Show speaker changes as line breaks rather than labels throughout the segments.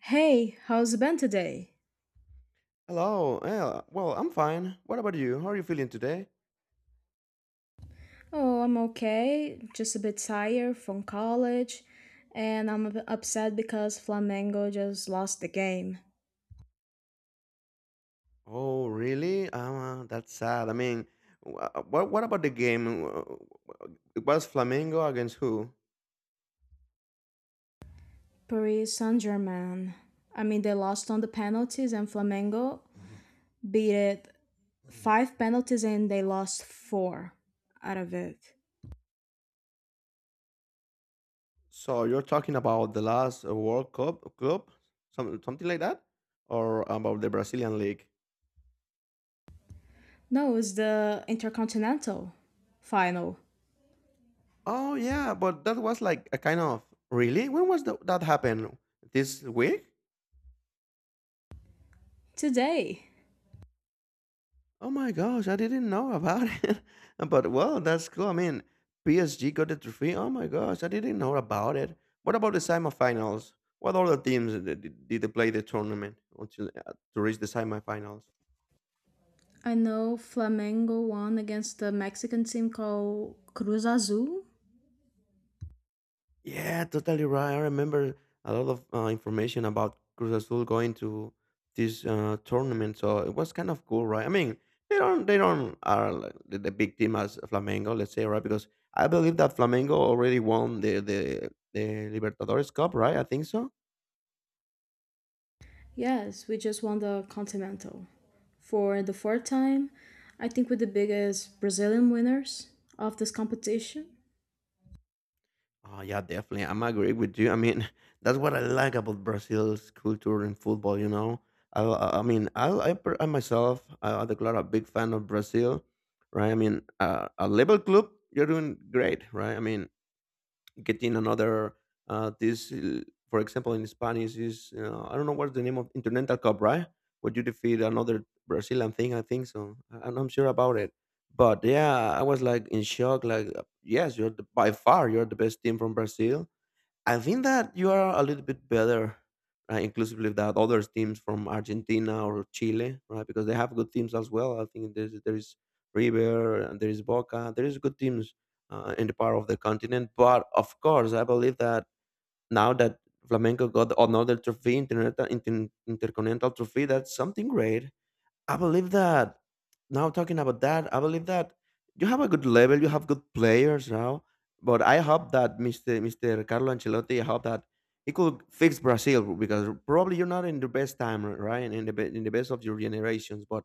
Hey, how's it been today?
Hello. Yeah, well, I'm fine. What about you? How are you feeling today?
Oh, I'm okay. Just a bit tired from college, and I'm a bit upset because Flamengo just lost the game.
Oh, really? Ah, that's sad. I mean, what about the game? It was Flamengo against who?
Paris Saint Germain. I mean, they lost on the penalties, and Flamengo beat it five penalties, and they lost four out of it.
So you're talking about the last World Cup club, something like that, or about the Brazilian league?
No, it's the Intercontinental final
Oh yeah, but that was like a kind of really. When was that happened? This week?
today.
Oh my gosh, I didn't know about it. But well, that's cool. I mean, PSG got the trophy. Oh my gosh, I didn't know about it. What about the semifinals? What other teams did they play the tournament until to reach the semifinals?
I know Flamengo won against the Mexican team called Cruz Azul.
Yeah, totally right. I remember a lot of information about Cruz Azul going to this tournament, so it was kind of cool, right? I mean, they don't are like the big team as Flamengo, let's say, right? Because I believe that Flamengo already won the Libertadores Cup, right? I think so.
Yes, we just won the Continental for the fourth time. I think we're the biggest Brazilian winners of this competition.
Oh, yeah, definitely. I'm agree with you. I mean, that's what I like about Brazil's culture and football. You know, I mean, I myself, I declare a big fan of Brazil, right? I mean, a level club, you're doing great, right? I mean, getting another this for example in spanish is I don't know what's the name of continental cup right where you defeat another brazilian thing I think and I'm sure about it but yeah I was like in shock like yes by far you're the best team from brazil. I think that you are a little bit better, inclusively that other teams from Argentina or Chile, right? Because they have good teams as well. I think there is River and there is Boca. There is good teams in the part of the continent. But of course, I believe that now that Flamenco got another trophy, intercontinental trophy, that's something great. I believe that now talking about that, I believe that you have a good level, you have good players now. But I hope that Mr. Carlo Ancelotti, I hope that he could fix Brazil because probably you're not in the best time, right? In in the best of your generations, but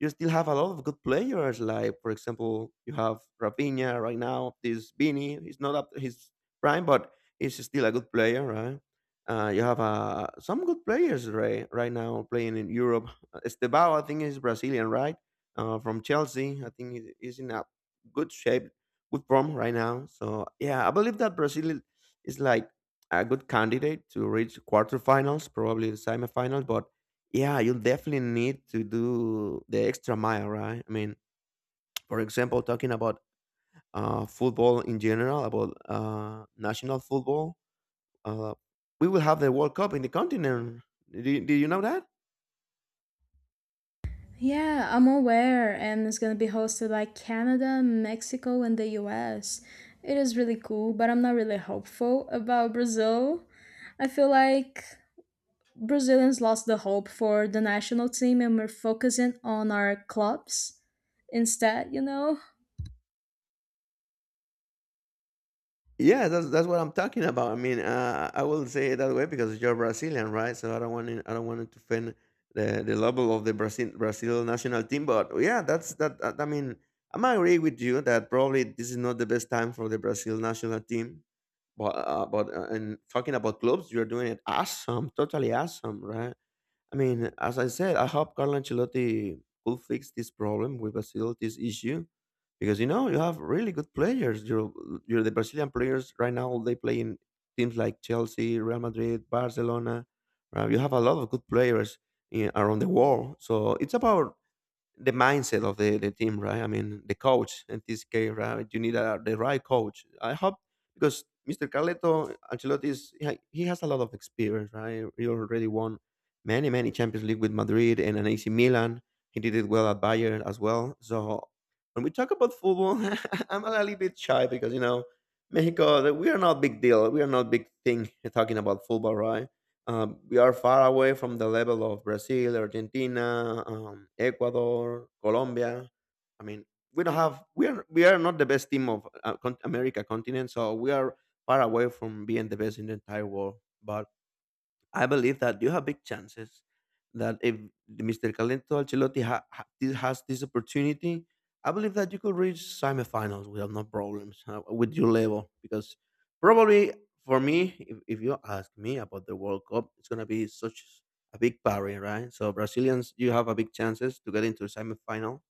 you still have a lot of good players. Like for example, you have Rafinha right now. This Vini, he's not up his prime, but he's still a good player, right? You have some good players right now playing in Europe. Estevao, I think is Brazilian, right? From Chelsea, I think he is in a good shape, good form right now. So yeah, I believe that Brazil is like a good candidate to reach quarterfinals, probably the semifinals. But yeah, you definitely need to do the extra mile, right? I mean, for example, talking about football in general, about national football. Uh, we will have the World Cup in the continent. Did you know that?
Yeah, I'm aware, and it's gonna be hosted by Canada, Mexico, and the US. It is really cool, but I'm not really hopeful about Brazil. I feel like Brazilians lost the hope for the national team, and we're focusing on our clubs instead, you know?
Yeah, that's what I'm talking about. I mean, I will say it that way because you're Brazilian, right? So I don't want it to offend the level of the Brazil national team, but yeah, I mean, I'm agree with you that probably this is not the best time for the Brazil national team. But And talking about clubs, you're doing it awesome, totally awesome, right? I mean, as I said, I hope Carlo Ancelotti could fix this problem with Brazil, this issue, because you know you have really good players. You're the Brazilian players right now. They play in teams like Chelsea, Real Madrid, Barcelona. You have a lot of good players in, around the world. So it's about the mindset of the team, right? I mean, the coach in this case, right? The right coach. I hope because Mr. Carletto Ancelotti is he has a lot of experience, right? He already won many Champions League with Madrid and an AC Milan. He did it well at Bayern as well. So when we talk about football, I'm a little bit shy because you know Mexico, we are not big deal. We are not big thing talking about football, right? We are far away from the level of Brazil, Argentina, Ecuador, Colombia. I mean, we don't have we are not the best team of America continent, so we are far away from being the best in the entire world. But I believe that you have big chances that if Mr. Calento Ancelotti has this opportunity, I believe that you could reach semifinals without no problems with your level. Because probably for me, if you ask me about the World Cup, it's gonna be such a big party, right? So Brazilians, you have a big chances to get into semifinal.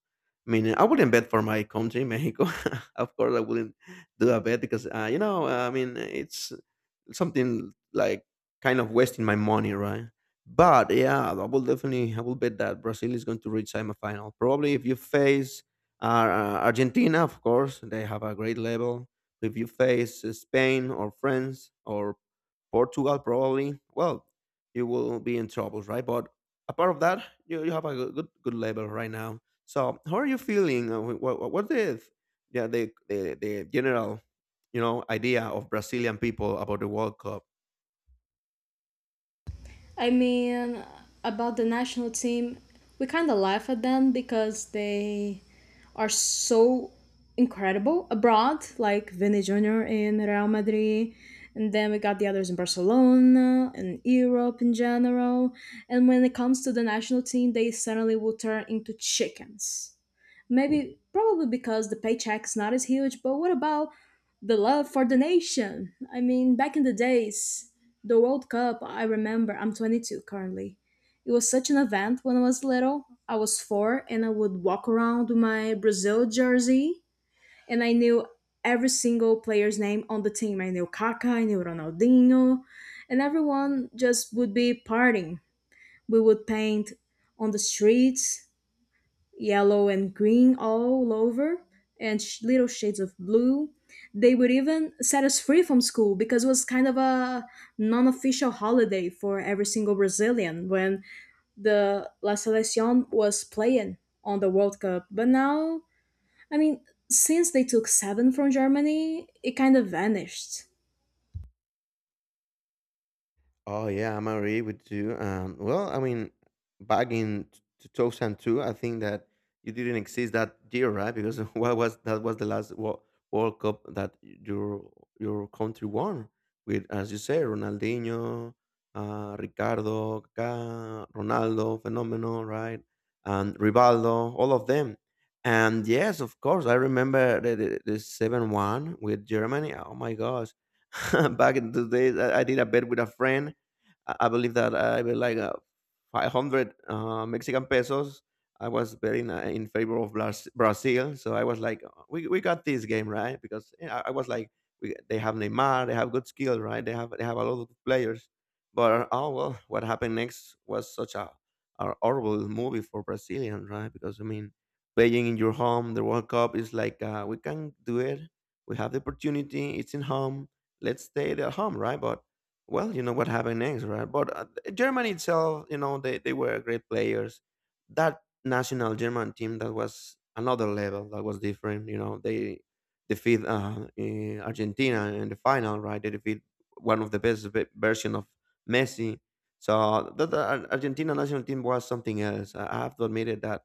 I mean, I wouldn't bet for my country, Mexico. Of course, I wouldn't do a bet because you know, I mean, it's something like kind of wasting my money, right? But yeah, I will bet that Brazil is going to reach semifinal. Probably if you face Argentina, of course, they have a great level. If you face Spain or France or Portugal probably, well, you will be in troubles, right? But apart of that, you have a good level right now. So how are you feeling? Wh- what the Yeah, the general idea of Brazilian people about the World Cup?
I mean, about the national team, we kind of laugh at them because they are so incredible abroad, like Vinny Jr. in Real Madrid. And then we got the others in Barcelona and Europe in general. And when it comes to the national team, they suddenly will turn into chickens. Maybe, probably because the paycheck's not as huge, but what about the love for the nation? I mean, back in the days, the World Cup, I remember, I'm 22 currently. It was such an event when I was little. I was four and I would walk around with my Brazil jersey and I knew every single player's name on the team. I knew Kaká, I knew Ronaldinho, and everyone just would be partying. We would paint on the streets yellow and green all over and little shades of blue. They would even set us free from school because it was kind of a non official holiday for every single Brazilian when the La Seleção was playing on the World Cup. But now, I mean, since they took seven from Germany, it kind of vanished.
Oh yeah, I'm agree with you. Well, I mean, back in 2002, I think that you didn't exist that year, right? Because what was that was the last World Cup that your country won with, as you say, Ronaldinho, Ricardo, Kaká, Ronaldo, Fenomeno, right, and Rivaldo, all of them. And yes, of course, I remember the 7-1 with Germany. Oh my gosh. Back in those days, I did a bet with a friend. I believe that I made like 500 Mexican pesos. I was betting in favor of Brazil, so I was like, "Oh, we got this game right," because you know, I was like, we, "They have Neymar, they have good skill, right? They have a lot of good players." But oh well, what happened next was such a horrible movie for Brazilians, right? Because I mean, playing in your home, the World Cup is like we can do it. We have the opportunity. It's in home. Let's stay at home, right? But well, you know what happened next, right? But Germany itself, you know, they were great players. That national German team that was another level, that was different. You know, they defeat Argentina in the final, right? They defeat one of the best version of Messi. So Argentina national team was something else. I have to admit it that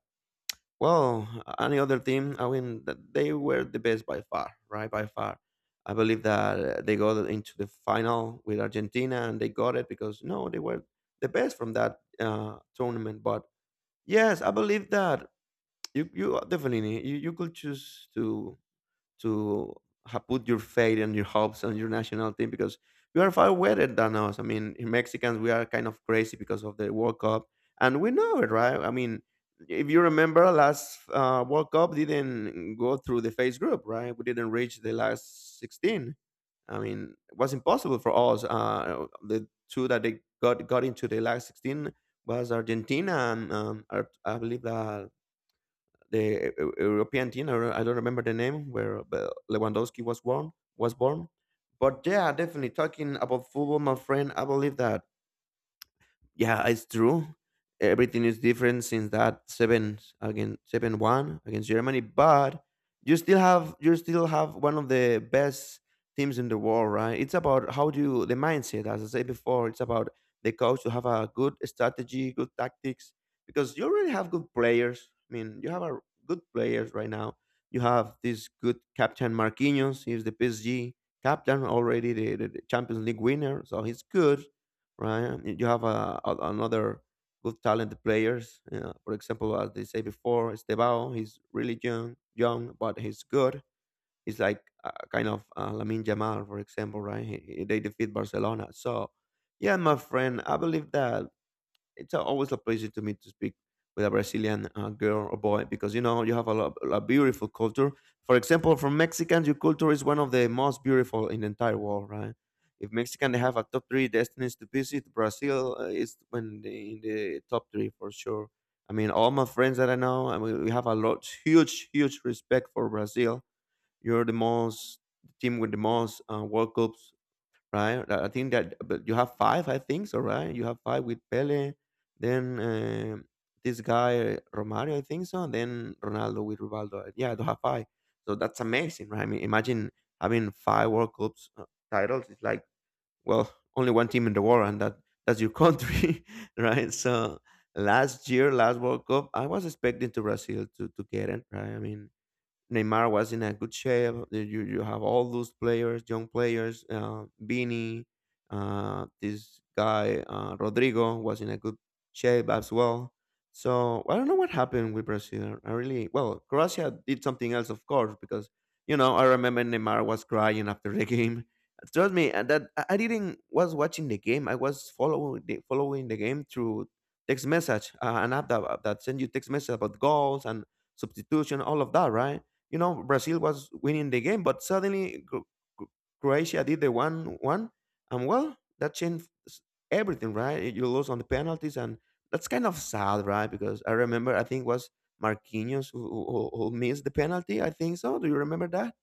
well, any other team, I mean, they were the best by far, right? By far. I believe that they got into the final with Argentina and they got it because, no, they were the best from that tournament. But yes, I believe that you definitely, you could choose to have put your faith and your hopes on your national team because you are far better than us. I mean, Mexicans, we are kind of crazy because of the World Cup, and we know it, right? I mean, if you remember, last World Cup didn't go through the phase group, right? We didn't reach the last 16. I mean, it was impossible for us. The two that they got into the last 16 was Argentina and I believe that the European team. I don't remember the name where Lewandowski was born. Was born, but yeah, definitely talking about football, my friend. I believe that yeah, it's true. Everything is different since that seven against 7-1 against Germany, but you still have one of the best teams in the world, right? It's about how do you the mindset, as I said before, it's about the coach to have a good strategy, good tactics, because you already have good players. I mean, you have a good players right now. You have this good captain Marquinhos, he's the PSG captain already, the Champions League winner, so he's good right? And you have another good talented players. For example, as they say before, Estebao, he's really young, young, but he's good. He's like kind of Lamine Jamal, for example, right? They defeat Barcelona. So, yeah, my friend, I believe that it's always a pleasure to me to speak with a Brazilian girl or boy because you know you have a beautiful culture. For example, from Mexicans, your culture is one of the most beautiful in the entire world, right? If Mexican they have a top three destinies to visit, Brazil is when in the top three for sure. I mean, all my friends that I know, I mean, we have a huge respect for Brazil. You're the team with the most World Cups right? I think that but you have five, I think so, right? You have five with Pele, then this guy Romario, I think so, and then Ronaldo with Rivaldo. Yeah, you have five. So that's amazing, right? I mean, imagine having five World Cups titles. It's like well, only one team in the world, and that's your country, right? So last year, last World Cup, I was expecting to Brazil to get it, right? I mean, Neymar was in a good shape. You have all those players, young players. Vini, this guy Rodrigo was in a good shape as well. So I don't know what happened with Brazil. I really well Croatia did something else, of course, because you know I remember Neymar was crying after the game. Trust me, and that I didn't was watching the game. I was following the game through text message, an app that send you text message about goals and substitution, all of that, right? You know Brazil was winning the game, but suddenly Cro- Croatia did the one one, and well, that changed everything, right? You lose on the penalties, and that's kind of sad, right? Because I remember, I think it was Marquinhos who missed the penalty. I think so. Do you remember that?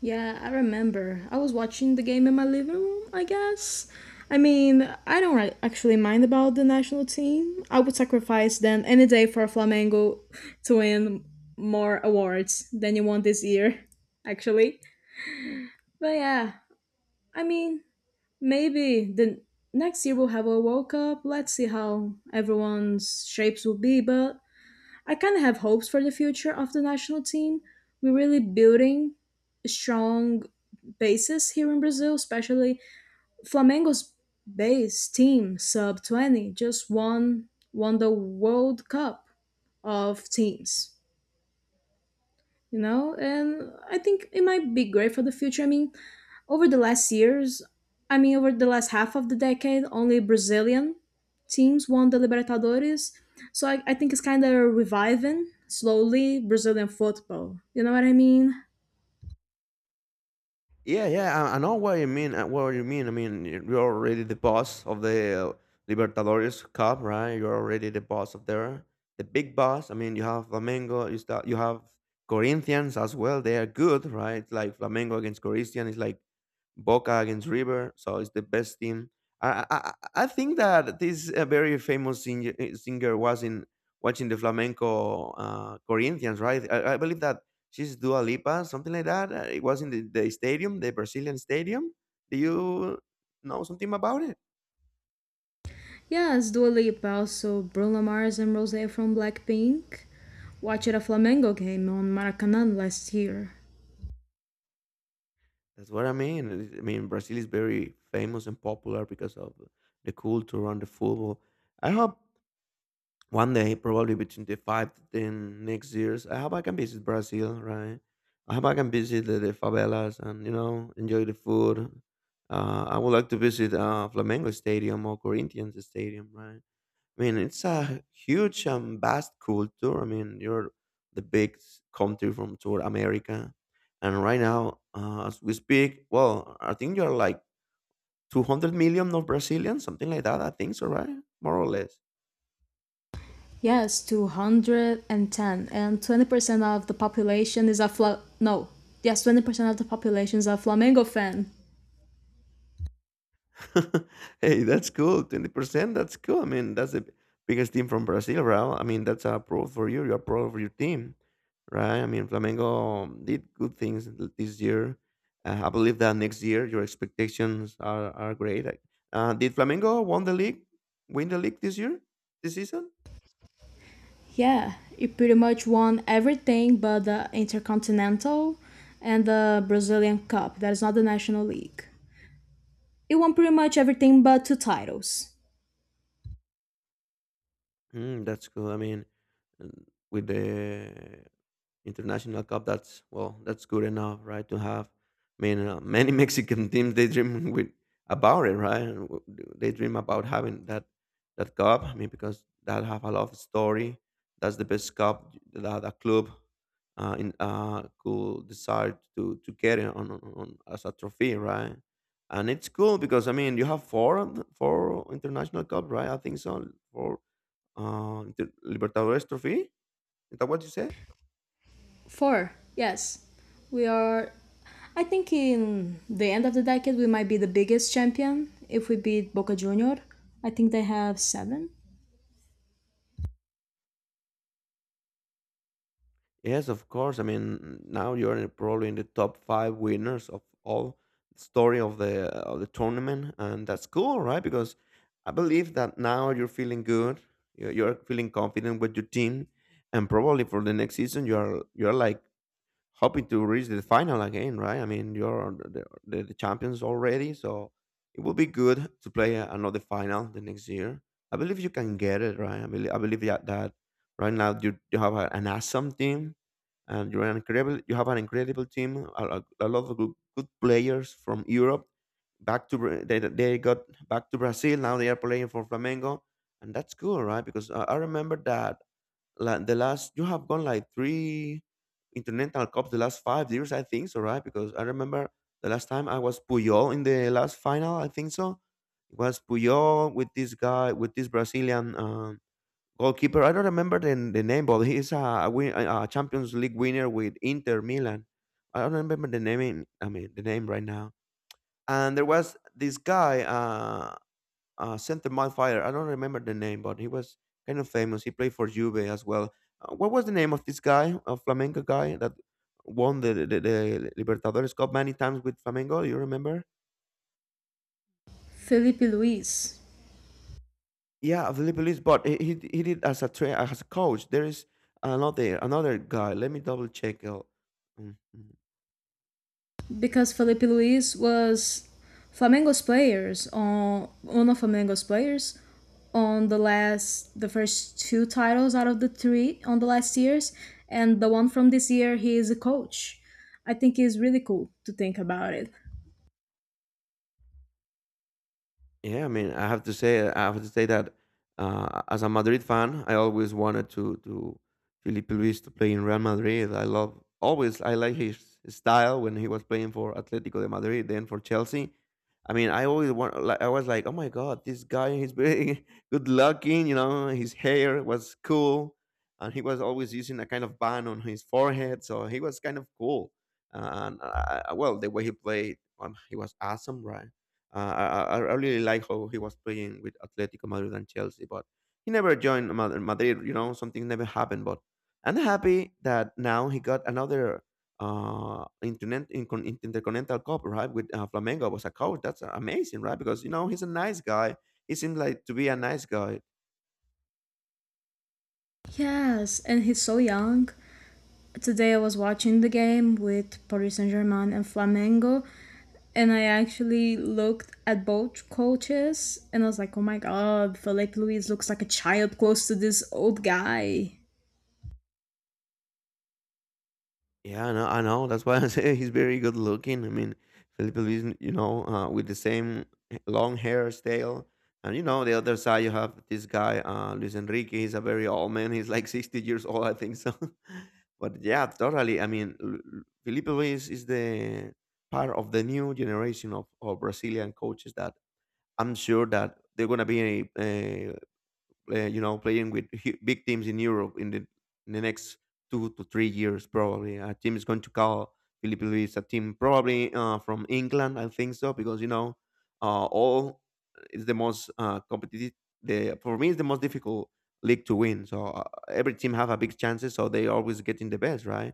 Yeah, I remember. I was watching the game in my living room, I guess. I mean, I don't actually mind about the national team. I would sacrifice them any day for Flamengo to win more awards than you won this year, actually. But yeah, I mean, maybe the next year we'll have a World Cup. Let's see how everyone's shapes will be. But I kind of have hopes for the future of the national team. We're really building strong bases here in Brazil, especially Flamengo's base team sub 20 just won the World Cup of teams, you know? And I think it might be great for the future. I mean, over the last years, I mean, over the last half of the decade, only Brazilian teams won the Libertadores. So I think it's kind of reviving slowly Brazilian football. You know what I mean?
Yeah, yeah, I know what you mean. What you mean? I mean, you're already the boss of the Libertadores Cup, right? You're already the boss of there, the big boss. I mean, you have Flamengo. You start. You have Corinthians as well. They are good, right? Like Flamengo against Corinthians. Is like Boca against River. So it's the best team. I I, I I think that this very singer was in watching the flamenco Corinthians, right? I believe that she's Dua Lipa, something like that. It was in the stadium, the Brazilian stadium. Do you know something about it?
Yes, Dua Lipa, also Bruno Mars and Rosé from Blackpink. Watched a Flamengo game on Maracanã last year.
That's what I mean. I mean, Brazil is very famous and popular because of the culture around the football. I hope one day, probably between the five to ten next years, I hope I can visit Brazil, right? I hope I can visit the favelas and, you know, enjoy the food. I would like to visit Flamengo Stadium or Corinthians Stadium, right? I mean, it's a huge and vast culture. I mean, you're the big country from South America, and right now, as we speak, well, I think you're like 200 million of Brazilians, something like that. I think so, right? More or less.
Yes, 210 and 20% of the population is a Fla- no. Yes, 20% of the population is a Flamengo fan.
Hey, that's cool. 20%, that's cool. I mean, that's the biggest team from Brazil, right? I mean, that's a pro for you. You're proud for your team, right? I mean, Flamengo did good things this year. I believe that next year your expectations are great. Like, did Flamengo won the league, win the league this year, this season?
Yeah, it pretty much won everything but the Intercontinental and the Brazilian Cup. That is not the National League. It won pretty much everything but two titles.
Mm, that's cool. I mean, mm, with the international cup, that's well, that's good enough, right? To have, I mean, many Mexican teams they dream with about it, right? And they dream about having that cup. I mean, because that have a lot of story. That's the best cup that a club in could decide to get it on as a trophy, right? And it's cool because I mean, you have four international cup, right? I think so. Four Inter Libertadores Trophy? Is that what you said?
Four, yes. We are, I think, in the end of the decade, we might be the biggest champion if we beat Boca Junior. I think they have seven.
Yes, of course. I mean, now you're probably in the top five winners of all the story of the tournament, and that's cool, right? Because I believe that now you're feeling good, you're feeling confident with your team, and probably for the next season, you're like hoping to reach the final again, right? I mean, you're the champions already, so it would be good to play another final the next year. I believe you can get it, right? I believe that right now you have an awesome team and you have an incredible team, a lot of good players from Europe back to they got back to Brazil. Now they are playing for Flamengo, and that's cool, right? Because I remember that like the last you have gone like three international cups the last 5 years I think so right because I remember the last time I was Puyol in the last final I think so. It was Puyol with this guy with this Brazilian goalkeeper I don't remember the name but he's a Champions League winner with Inter Milan. I don't remember the name I mean the name right now. And there was this guy center midfielder. I don't remember the name, but he was kind of famous. He played for Juve as well. What was the name of this guy, a Flamengo guy that won the Libertadores Cup many times with Flamengo? You remember?
Felipe Luis,
Yeah, Felipe Luis, but he did as a as a coach. There is another guy. Let me double check. Mm, mm,
because
Captain.
Felipe Luis was Flamengo's players on one of Flamengo's players on the last the first two titles out of the three on the last years, and the one from this year he is a coach. I think it's really cool to think about it.
Yeah, I mean, I have to say that as a Madrid fan, I always wanted to Felipe Luis to play in Real Madrid. I love always. I like his style when he was playing for Atletico de Madrid, then for Chelsea. I mean, I always want. Like, I was like, oh my god, this guy, he's very good looking. You know, his hair was cool, and he was always using a kind of band on his forehead, so he was kind of cool. And well, the way he played, he was awesome, right? I really like how he was playing with Atletico Madrid and Chelsea, but he never joined Madrid. You know, something never happened. But I'm happy that now he got another intercontinental cup, right? With Flamengo was a coach. That's amazing, right? Because you know he's a nice guy. He seemed like to be a nice guy.
Yes, and he's so young. Today I was watching the game with Paris Saint Germain and Flamengo, and I actually looked at both coaches and I was like, oh my god, Felipe Luis looks like a child close to this old guy.
Yeah, I know. I know. That's why I say he's very good looking. I mean, Felipe Luis, you know, with the same long hairstyle. And, you know, the other side, you have this guy, Luis Enrique. He's a very old man. He's like 60 years old, I think so. But yeah, totally. I mean, Felipe Luis is the part of the new generation of Brazilian coaches that I'm sure that they're going to be you know, playing with big teams in Europe in in the next 2 to 3 years, probably. A team is going to call Felipe Luis a team probably from England, I think so, because, you know, all is the most competitive. For me, it's the most difficult league to win. So every team have a big chances, so they always getting the best, right?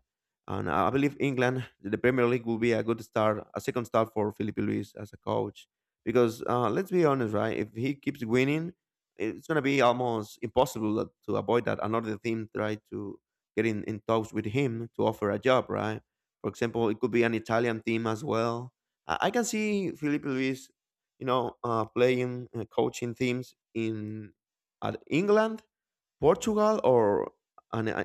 And I believe England, the Premier League, will be a good start, a second start for Felipe Luis as a coach. Because let's be honest, right? If he keeps winning, it's going to be almost impossible to avoid that another team try to get in talks with him to offer a job, right? For example, it could be an Italian team as well. I can see Felipe Luis, you know, playing coaching teams in at England Portugal or an uh,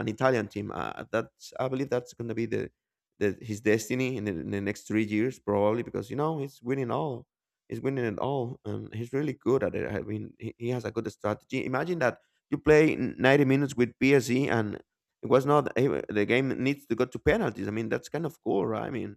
an Italian team. That's I believe that's going to be the his destiny in in the next 3 years probably because you know he's winning all. He's winning it all, and he's really good at it. I mean, he has a good strategy. Imagine that you play 90 minutes with PSG, and it was not eh, the game needs to go to penalties. I mean, that's kind of cool, right? I mean,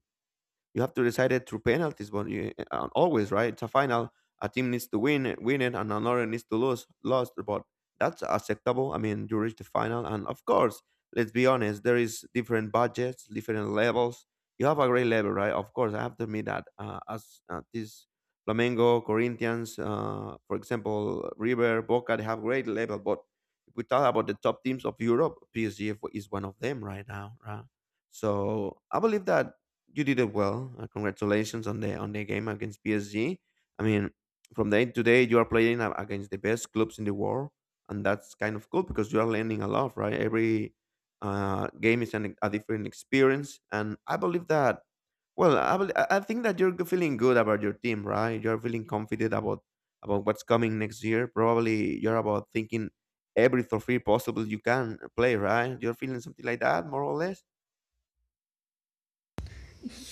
you have to decide it through penalties, but you always right. It's a final. A team needs to win it, and another needs to lose, lost. But that's acceptable. I mean, you reach the final, and of course, let's be honest. There is different budgets, different levels. You have a great level, right? Of course, I have to admit that. As this Flamengo, Corinthians, for example, River, Boca, they have great level. But if we talk about the top teams of Europe, PSG is one of them right now, right? So I believe that you did it well. Congratulations on the game against PSG. I mean, from day to day, you are playing against the best clubs in the world, and that's kind of cool because you are learning a lot, right? Every a different experience, and I believe that. Well, I, bel I think that you're feeling good about your team, right? You're feeling confident about what's coming next year. Probably you're about thinking every trophy possible you can play, right? You're feeling something like that, more or less.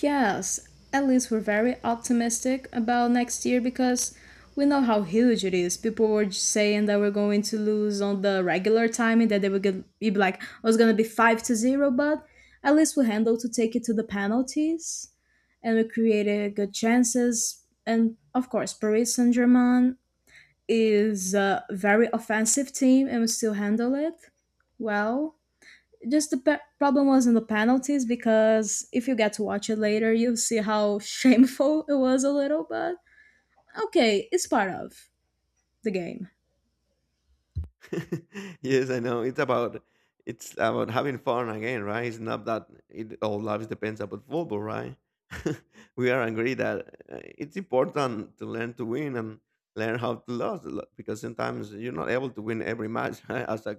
Yes, at least we're very optimistic about next year because we know how huge it is. People were just saying that we're going to lose on the regular timing, that they would be like, "Oh, it's gonna be 5-0," but at least we handled to take it to the penalties, and we created good chances. And of course, Paris Saint Germain is a very offensive team, and we still handle it well. Just the problem was in the penalties because if you get to watch it later, you'll see how shameful it was a little, but okay, it's part of the game.
Yes, I know. It's about having fun again, right? It's not that it all lives depends about football, right? We are agree that it's important to learn to win and learn how to lose because sometimes you're not able to win every match right?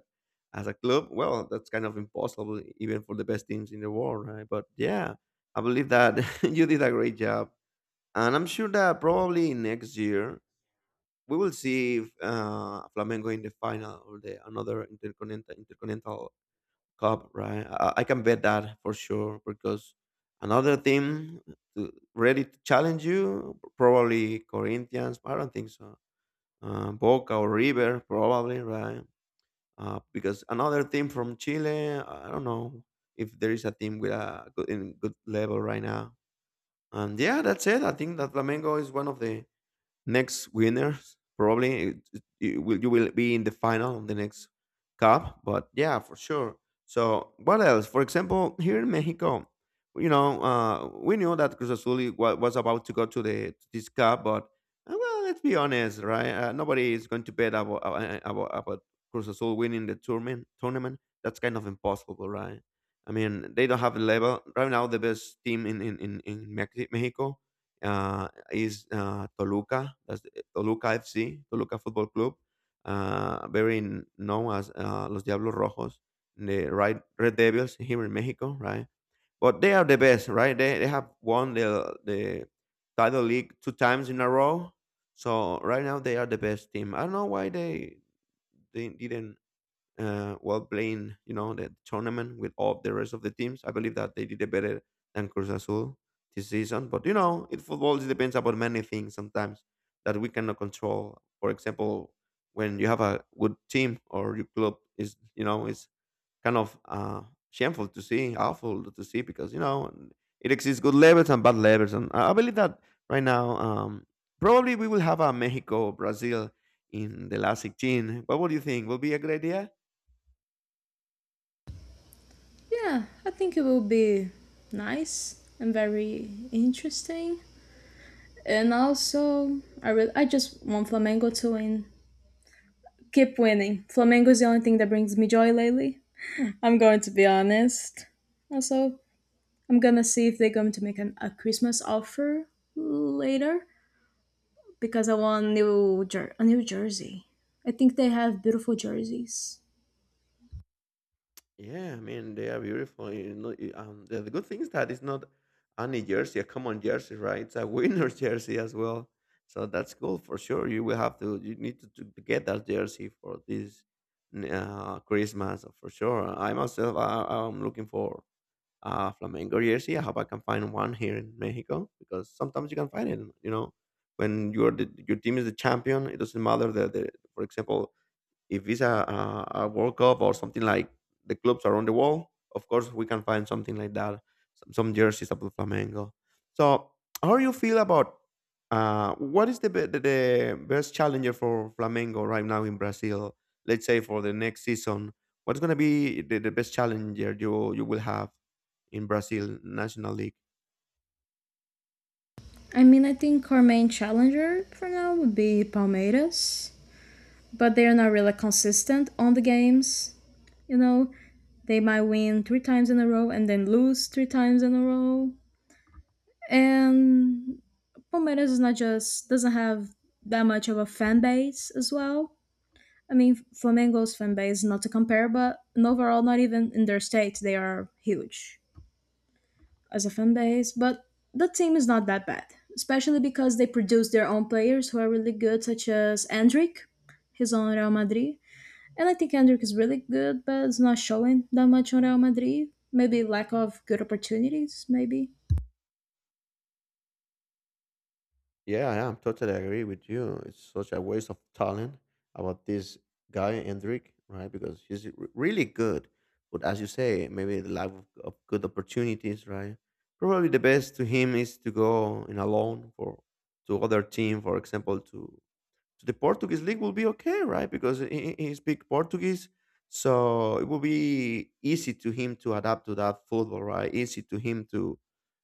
As a club. Well, that's kind of impossible even for the best teams in the world, right? But yeah, I believe that you did a great job. And I'm sure that probably next year we will see if Flamengo in the final or the another intercontinental cup, right? I can bet that for sure because another team to, ready to challenge you, probably Corinthians. I don't think so. Boca or River, probably, right? Because another team from Chile, I don't know if there is a team with a good level right now. And yeah, that's it. I think that Flamengo is one of the next winners probably it will, you will be in the final of the next cup, but yeah, for sure. So what else, for example, here in Mexico? You know, we knew that Cruz Azul was about to go to the to this cup, but well, let's be honest, right? Nobody is going to bet about, Cruz Azul winning the tournament. That's kind of impossible, right? I mean, they don't have a level right now. The best team in Mexico uh, is Toluca. That's Toluca FC, Toluca Football Club, very known as Los Diablos Rojos, Red Devils here in Mexico, right? But they are the best, right? They have won the title league two times in a row. So right now they are the best team. I don't know why they didn't while playing, you know, the tournament with all the rest of the teams. I believe that they did it better than Cruz Azul this season. But you know, it football it depends about many things sometimes that we cannot control. For example, when you have a good team or your club is, you know, it's kind of shameful to see, awful to see, because you know it exists good levels and bad levels, and I believe that right now. Probably we will have a Mexico Brazil in the last 16. What would you think? Would be a great idea?
Yeah, I think it will be nice and very interesting. And also, I just want Flamengo to win. Keep winning. Flamengo is the only thing that brings me joy lately. I'm going to be honest. Also, I'm gonna see if they're going to make a Christmas offer later, because I want a New Jersey. I think they have beautiful jerseys.
Yeah, I mean they are beautiful. You know, the good thing is that it's not any jersey, a common jersey, right? It's a winner jersey as well. So that's cool for sure. You will have to, you need to get that jersey for this Christmas for sure. I myself, I'm looking for a Flamengo jersey. I hope I can find one here in Mexico because sometimes you can find it. You know, when your team is the champion, it doesn't matter that the, for example, if it's a World Cup or something like the clubs around the world, of course we can find something like that. Some jerseys of Flamengo. So how do you feel about what is the best challenger for Flamengo right now in Brazil? Let's say for the next season, what's going to be the best challenger you will have in Brazil National League?
I mean, I think our main challenger for now would be Palmeiras, but they are not really consistent on the games. You know, they might win three times in a row and then lose three times in a row. And Palmeiras is not just doesn't have that much of a fan base as well. I mean, Flamengo's fan base is not to compare, but and overall, not even in their state, they are huge as a fan base, but that team is not that bad, especially because they produce their own players who are really good, such as Endrick. He's on Real Madrid, and I think Endrick is really good, but it's not showing that much on Real Madrid. Maybe lack of good opportunities, maybe.
Yeah, I am totally agree with you. It's such a waste of talent about this guy Hendrik, right? Because he's really good, but as you say, maybe the lack of good opportunities, right? Probably the best to him is to go in a loan for to other team, for example, to so the Portuguese league will be okay, right? Because he speak Portuguese, so it will be easy to him to adapt to that football, right? Easy to him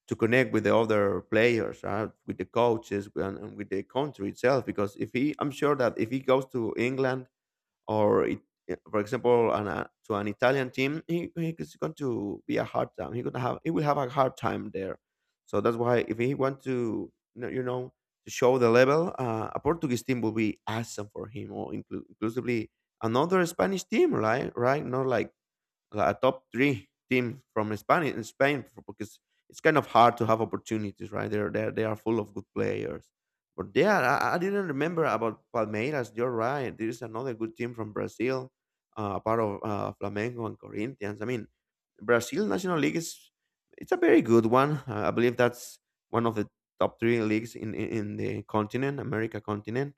to connect with the other players, right? With the coaches and with the country itself. Because if he, I'm sure that if he goes to England or it, yeah, for example, an, to an Italian team, he is going to be a hard time. He will have a hard time there. So that's why if he want to you know, to show the level, a Portuguese team will be awesome for him, or inclusively another Spanish team, right? Right? Not like a top three team from Spain in Spain because it's kind of hard to have opportunities, right? They are full of good players. But yeah, I didn't remember about Palmeiras. You're right. There is another good team from Brazil, a part of Flamengo and Corinthians. I mean, Brazil National League is it's a very good one. I believe that's one of the top three leagues in the continent, America continent.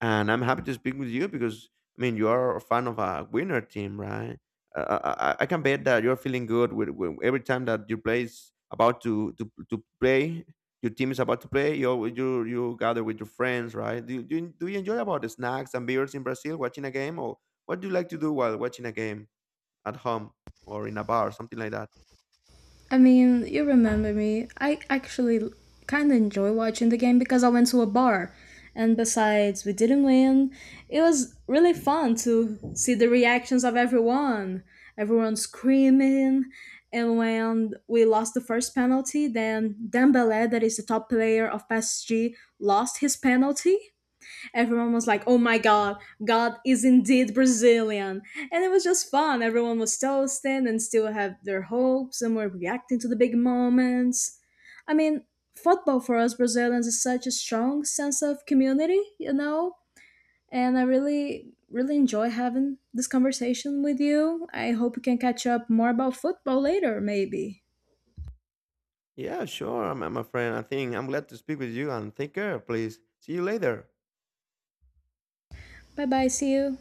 And I'm happy to speak with you because I mean you are a fan of a winner team, right? I can bet that you're feeling good with every time that your play is about to play, your team is about to play. You gather with your friends, right? Do you enjoy about the snacks and beers in Brazil watching a game, or what do you like to do while watching a game at home or in a bar, something like that?
I mean, you remember me. I actually kind of enjoy watching the game because I went to a bar. And besides, we didn't win. It was really fun to see the reactions of everyone. Everyone screaming. And when we lost the first penalty, then Dembele, that is the top player of PSG, lost his penalty. Everyone was like, "Oh my God, God is indeed Brazilian," and it was just fun. Everyone was toasting and still had their hopes and were reacting to the big moments. I mean, football for us Brazilians is such a strong sense of community, you know. And I really, really enjoy having this conversation with you. I hope we can catch up more about football later, maybe.
Yeah, sure, my friend. I think I'm glad to speak with you and take care, please. See you later.
Bye bye. See you.